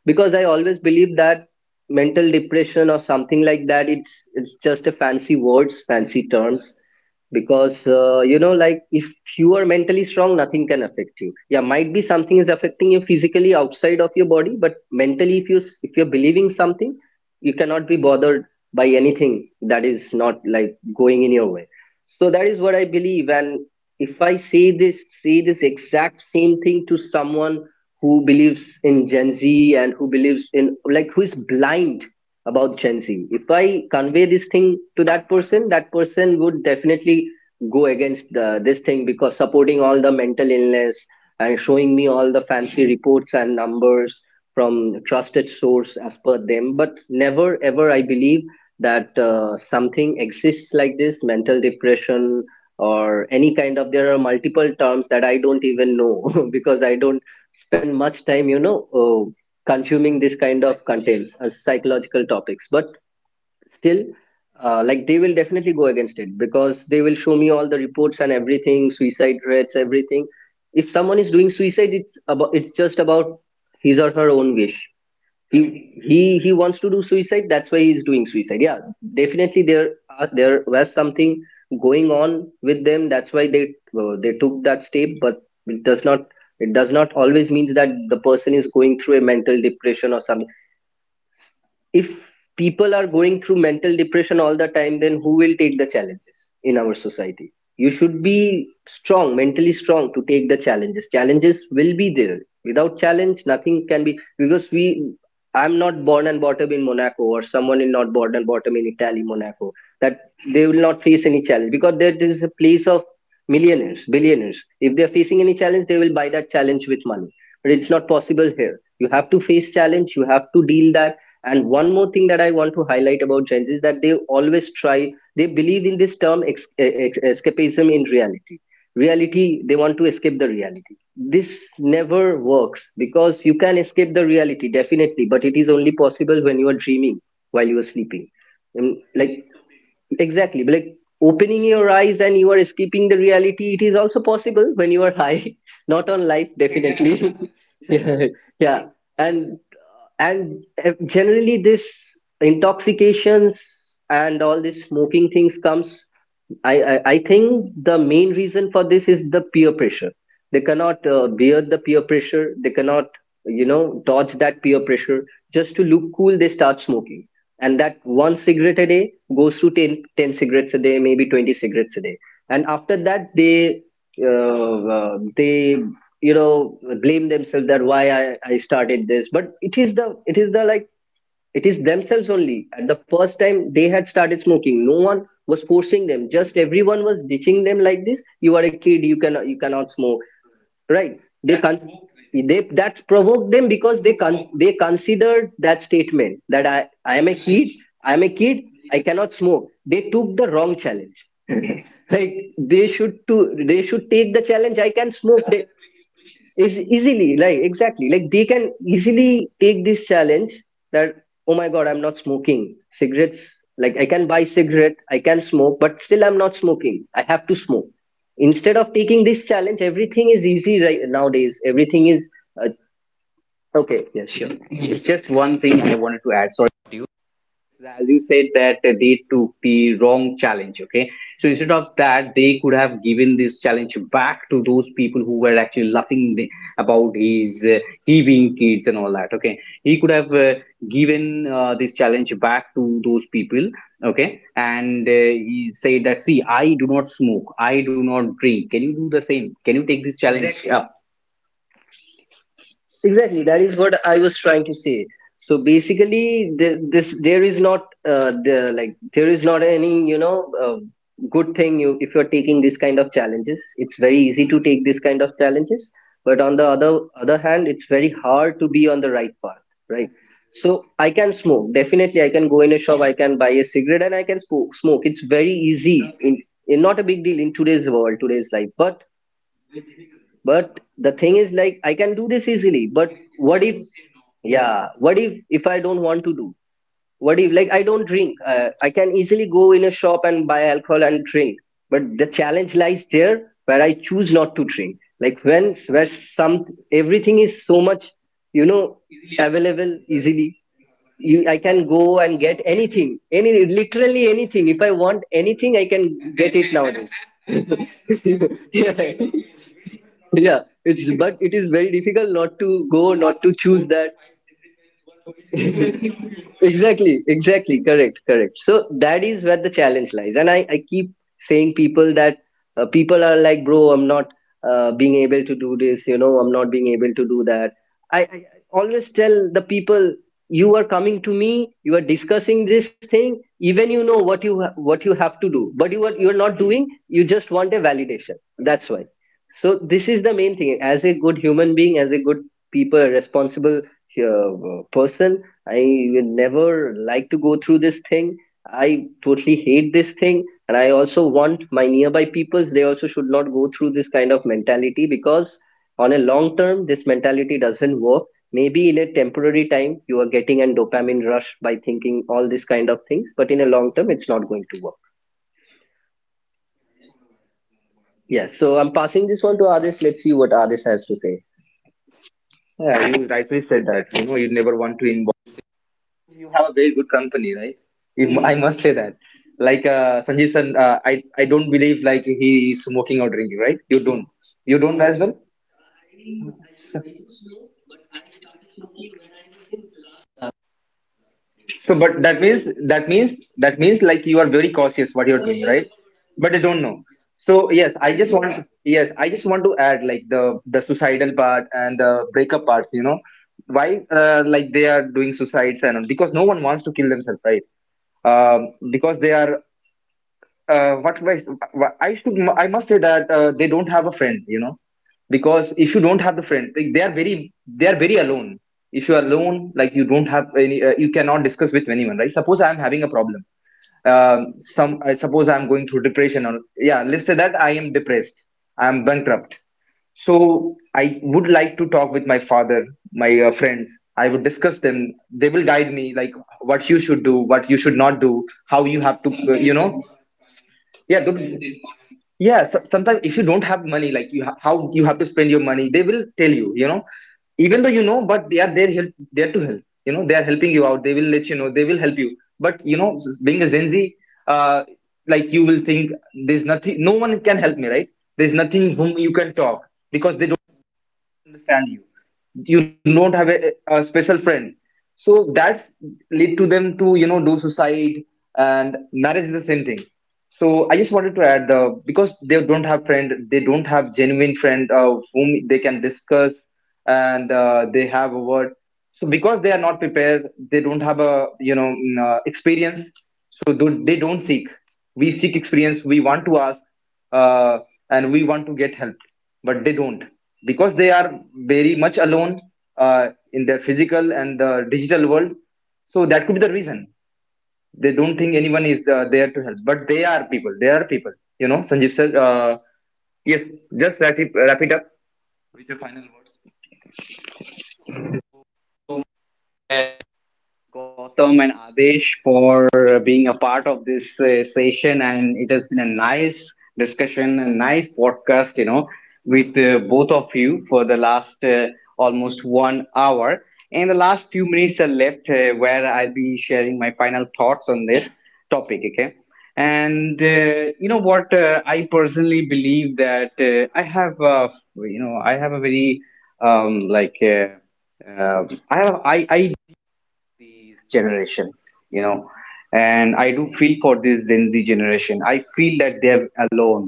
Because I always believed that mental depression or something like that, it's just a fancy words, fancy terms. Because, you know, like, if you are mentally strong, nothing can affect you. Yeah, might be something is affecting you physically outside of your body, but mentally, if you if you're believing something, you cannot be bothered by anything that is not, like, going in your way. So that is what I believe. And if I say this, exact same thing to someone who believes in Gen Z and who believes in, like, who is blind about Gen Z, if I convey this thing to that person, that person would definitely go against this thing, because supporting all the mental illness and showing me all the fancy reports and numbers from trusted source as per them. But never ever I believe that something exists like this mental depression or any kind of. There are multiple terms that I don't even know [laughs] because I don't spend much time, you know, consuming this kind of contents as psychological topics. But still, like, they will definitely go against it because they will show me all the reports and everything, suicide rates, everything. If someone is doing suicide, it's just about his or her own wish. He wants to do suicide, that's why he's doing suicide. Yeah, definitely there was something going on with them, that's why they, they took that step. But it does not, it does not always means that the person is going through a mental depression or something. If people are going through mental depression all the time, then who will take the challenges in our society? You should be strong, mentally strong, to take the challenges. Challenges will be there. Without challenge nothing can be, because we, I'm not born and brought up in Monaco, or someone is not born and brought up in Italy, Monaco, that they will not face any challenge, because there is a place of millionaires, billionaires. If they are facing any challenge, they will buy that challenge with money. But it's not possible here, you have to face challenge, you have to deal that. And one more thing that I want to highlight about Gen Z is that they always try, they believe in this term, escapism in reality. Reality, they want to escape the reality. This never works, because you can escape the reality definitely, but it is only possible when you are dreaming, while you are sleeping. And, like, exactly like opening your eyes and you are escaping the reality, it is also possible when you are high. [laughs] Not on life, definitely. [laughs] Yeah. Yeah. And and uh, generally, this intoxications and all this smoking things comes. I think the main reason for this is the peer pressure. They cannot, bear the peer pressure. They cannot, you know, dodge that peer pressure. Just to look cool, they start smoking. And that one cigarette a day goes to ten cigarettes a day, maybe 20 cigarettes a day. And after that, they, you know, blame themselves that why I started this. But it is it is the, like, it is themselves only. At the first time they had started smoking, no one was forcing them. Just everyone was ditching them like this. You are a kid. You cannot. You cannot smoke. Right? They, that provoked them because they considered that statement, that I am a kid. I am a kid. I cannot smoke. They took the wrong challenge. [laughs] Like, they should to they should take the challenge. I can smoke is easily, like, exactly like, they can easily take this challenge, that, oh my god, I'm not smoking cigarettes. Like, I can buy cigarette, I can smoke, but still I'm not smoking, I have to smoke. Instead of taking this challenge, everything is easy, right? Nowadays, everything is uh, okay. Yes, sure. It's just one thing I wanted to add. Sorry, as you said that they took the wrong challenge, okay, so instead of that they could have given this challenge back to those people who were actually laughing about his, he being kids and all that, okay? He could have, given, this challenge back to those people, okay? And, he said that, see, I do not smoke, I do not drink, can you do the same? Can you take this challenge? Exactly. Up? Exactly, that is what I was trying to say. So basically, this, there is not, there is not any, you know, good thing, you, if you're taking this kind of challenges. It's very easy to take this kind of challenges, but on the other hand, it's very hard to be on the right path, right? So I can smoke definitely. I can go in a shop, I can buy a cigarette, and I can smoke. Smoke. It's very easy in, not a big deal in today's world, today's life, but the thing is, like, I can do this easily. But, what if, yeah, what if I don't want to do? What if, like, I don't drink? I can easily go in a shop and buy alcohol and drink. But the challenge lies there where I choose not to drink. Like, when, where some, everything is so much, you know, available easily. I can go and get anything, any, literally anything. If I want anything, I can get it nowadays. [laughs] Yeah. Yeah, it's, but it is very difficult not to go, not to choose that. Exactly, exactly, correct, correct. So that is where the challenge lies. And I keep saying people that, people are like, bro, I'm not being able to do this, you know, I'm not being able to do that. I always tell the people, you are coming to me, you are discussing this thing, even you know what you what you have to do, but you are, not doing, you just want a validation, that's why. So this is the main thing. As a good human being, as a good people, a responsible person, I will never like to go through this thing. I totally hate this thing, and I also want my nearby peoples, they also should not go through this kind of mentality, because on a long term, this mentality doesn't work. Maybe in a temporary time, you are getting a dopamine rush by thinking all these kind of things, but in a long term, it's not going to work. Yes, so I'm passing this one to Adish. Let's see what Adish has to say. Yeah, you rightly said that. You know, you never want to involve. You have a very good company, right? You- Hmm. I must say that. Like, Sanjeev san, I don't believe like he is smoking or drinking, right? You don't. You don't as well. So, but that means, like you are very cautious what you're doing, right? But I don't know. So yes, I just want yes, I just want to add, like, the suicidal part and the breakup parts. You know, why, like, they are doing suicides and all, because no one wants to kill themselves, right? Because they are uh, what was- I must say that they don't have a friend, you know, because if you don't have the friend, like, they are very alone. If you are alone, like you don't have any, you cannot discuss with anyone, right? Suppose I am having a problem. Some I suppose I am going through depression or yeah, let's say that I am depressed. I am bankrupt. So I would like to talk with my father, my friends. I would discuss them. They will guide me, like what you should do, what you should not do, how you have to, yeah the- yeah so, sometimes if you don't have money, like how you have to spend your money, they will tell you, you know, even though you know, but they are there help there to help, you know, they are helping you out, they will let you know, they will help you. But you know, being a gen z, uh, like you will think there's nothing, no one can help me, right? There's nothing whom you can talk, because understand you, you don't have a special friend. So that's lead to them to, you know, do suicide. And marriage is the same thing. So I just wanted to add. The because they don't have friend, they don't have genuine friend of whom they can discuss. And they have a word. So because they are not prepared, they don't have a, you know, experience. So they don't seek, we seek experience, we want to ask, uh, and we want to get help, but they don't, because they are very much alone in their physical and the digital world. So that could be the reason they don't think anyone is there to help. But they are people, they are people, you know. Sanjeev sir, yes, just wrap it up. Gotham and Adesh for being a part of this session. And it has been a nice discussion, a nice podcast, you know, with both of you for the last almost 1 hour. And the last few minutes are left where I'll be sharing my final thoughts on this topic, okay? And you know what? I personally believe that I have, I have a very like uh, I have I you know and I do feel for this gen z generation. I feel that they're alone.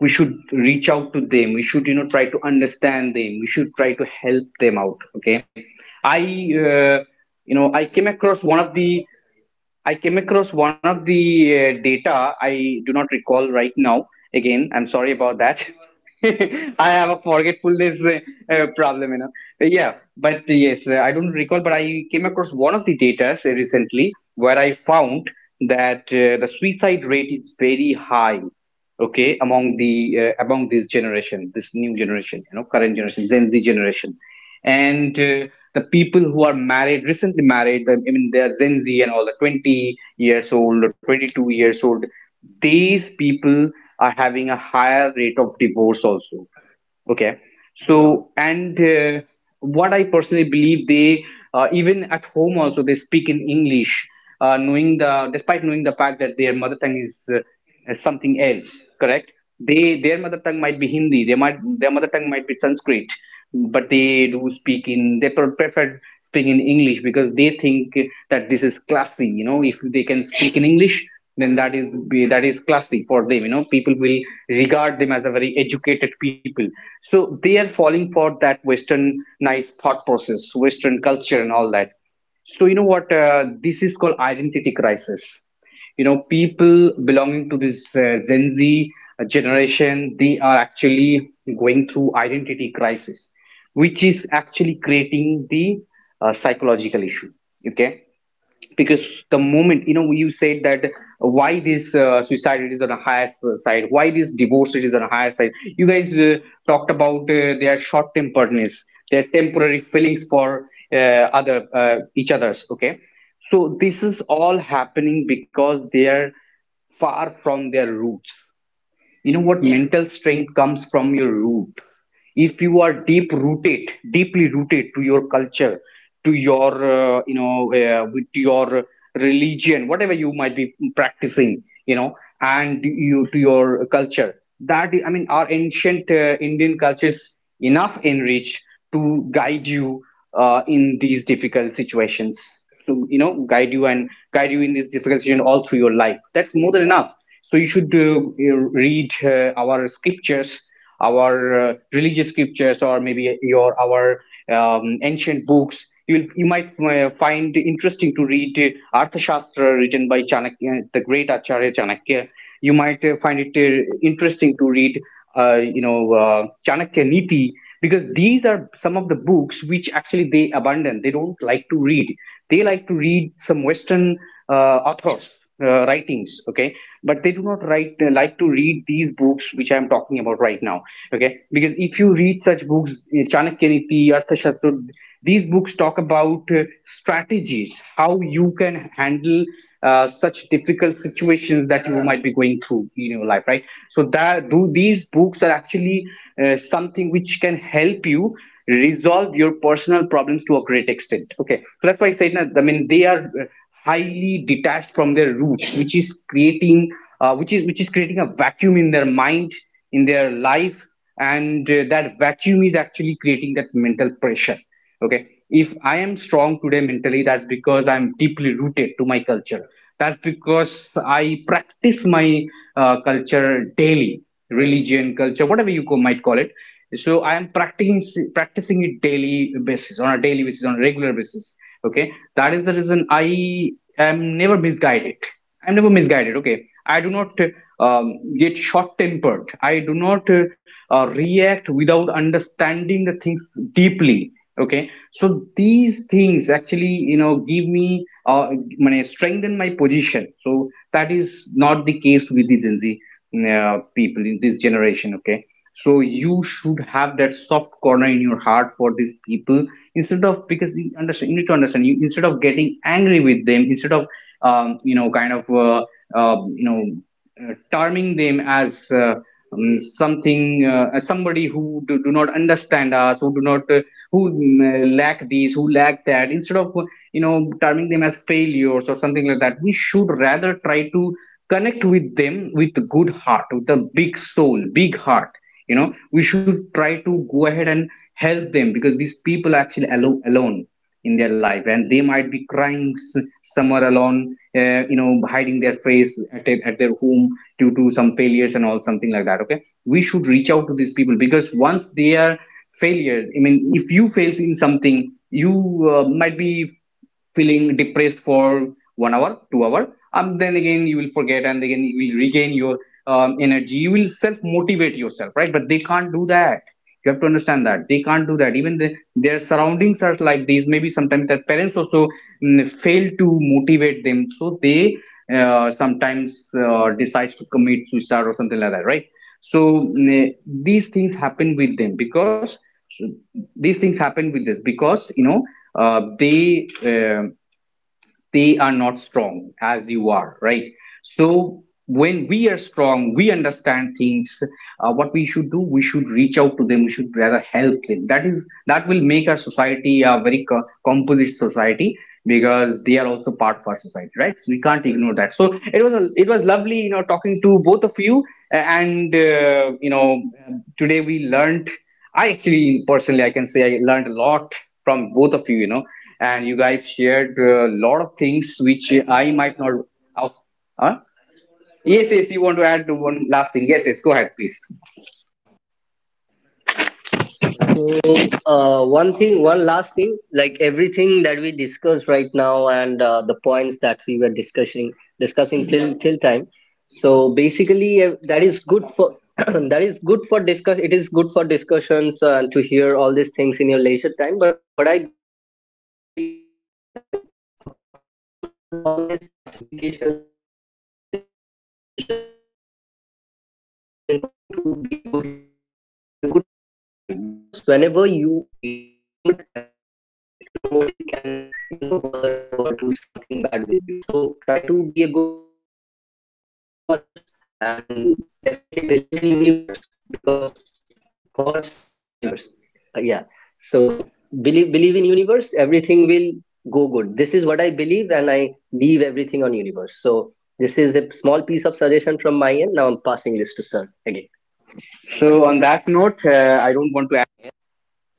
We should reach out to them, we should, you know, try to understand them, we should try to help them out, okay? I, uh, you know, I came across one of the I came across one of the data. I do not recall right now. Again, I'm sorry about that. [laughs] I have a forgetfulness problem, you know. Yeah, but yes, I don't recall. But I came across one of the data recently, where I found that the suicide rate is very high, okay, among the among this generation, this new generation, you know, current generation, gen z generation. And the people who are married, recently married, I mean they are gen z and all the 20 years old or 22 years old, these people are having a higher rate of divorce also. Okay. So, and what I personally believe, they even at home also they speak in English, knowing the despite knowing the fact that their mother tongue is something else. Correct? They, their mother tongue might be Hindi. They might their mother tongue might be Sanskrit, but they do speak in they pre- prefer speaking in English, because they think that this is classy. You know, if they can speak in English then that is classy for them. You know, people will regard them as a very educated people. So they are falling for that western nice thought process, western culture and all that. So you know what, this is called identity crisis. You know, people belonging to this gen z generation, they are actually going through identity crisis, which is actually creating the psychological issue, okay? Because the moment, you know, you said that why this suicide, it is on a higher side, why this divorce, it is on a higher side, you guys talked about their short temperedness, their temporary feelings for uh, other each others, okay? So this is all happening because they are far from their roots. You know what? Yeah, mental strength comes from your root. If you are deep rooted, deeply rooted to your culture, to your with your religion, whatever you might be practicing, you know, and you to your culture. That I mean, our ancient Indian culture is enough enriched to guide you in these difficult situations to you know guide you and guide you in this difficult situation all through your life. That's more than enough. So you read our scriptures, our religious scriptures, or maybe your our ancient books. You might find interesting to read Arthashastra, written by Chanakya, the great Acharya Chanakya. You might find it interesting to read, uh, you know, uh, Chanakya Niti, because these are some of the books which actually they abandon. They don't like to read. They like to read some western authors writings, okay? But they do not write like to read these books which I am talking about right now. Okay, because if you read such books, Chanakya Niti, Arthashastra, these books talk about strategies how you can handle such difficult situations that you might be going through in your life, right? So that do these books are actually something which can help you resolve your personal problems to a great extent. Okay, so that's why I said that, I mean they are uh, highly detached from their roots, which is creating which is creating a vacuum in their mind, in their life. And that vacuum is actually creating that mental pressure, okay? If I am strong today mentally, that's because I'm deeply rooted to my culture. That's because I practice my culture daily, religion, culture, whatever might call it. So I am practicing it daily basis on a daily basis, on a regular basis, okay? That is the reason I am never misguided. I'm never misguided, okay? I do not um, get short tempered, I do not react without understanding the things deeply. Okay, so these things actually, you know, give me uh, মানে strengthen my position. So that is not the case with the gen z people in this generation, okay? So you should have that soft corner in your heart for these people, instead of, because you understand, you need to understand, you instead of getting angry with them, instead of you know kind of you know terming them as something, as somebody who do not understand us, who do not who lack these, who lack that, instead of terming them as failures or something like that, we should rather try to connect with them with good heart, with a big soul, big heart, you know. We should try to go ahead and help them, because these people are actually alone in their life, and they might be crying somewhere alone, you know, hiding their face at their home due to some failures and all, something like that, okay? We should reach out to these people, because once they are failures, I mean if you fail in something, you might be feeling depressed for 1 hour, 2 hour, and then again you will forget, and again you will regain your energy. You will self motivate yourself, right? But they can't do that. You have to understand that they can't do that. Even their surroundings are like these. Maybe sometimes their parents also fail to motivate them, so they sometimes decides to commit suicide or something like that, right? So these things happen with them because these things happen with us, because you know uh, they uh, they are not strong as you are, right? So when we are strong, we understand things, what we should do. We should reach out to them, we should rather help them. That is, that will make our society a very composite society, because they are also part of our society, right? So we can't ignore that. So it was lovely, you know, talking to both of you. And today we learned, I actually personally I can say I learned a lot from both of you, you know, and you guys shared a lot of things which I might not. Have. Huh? Yes, yes. You want to add one last thing? Yes, yes. Go ahead, please. So, one thing, one last thing, like everything that we discussed right now and the points that we were discussing till time. So basically, that is good for [clears throat] that is good for discuss. It is good for discussions to hear all these things in your leisure time. But what I believe, like apart from all these classifications, all these gender divisions, everything, it's always important to be a good human being with a good personality, because whenever you are good at your side, nobody can, you know, bother you or do something bad with you. So try to be a good human being, try to help others, and definitely believe in universe, because gods are universe. Yeah. So. Right. Believe, believe in universe, everything will go good. This is what I believe, and I leave everything on universe. So this is a small piece of suggestion from my end. Now I'm passing this to sir again. So on that note, I don't want to.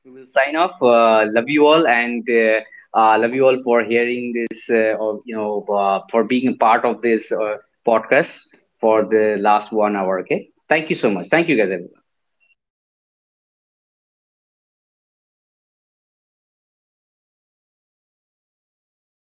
We will sign off. Love you all, and love you all for hearing this, for being a part of this podcast for the last 1 hour. Okay, thank you so much. Thank you guys, everyone.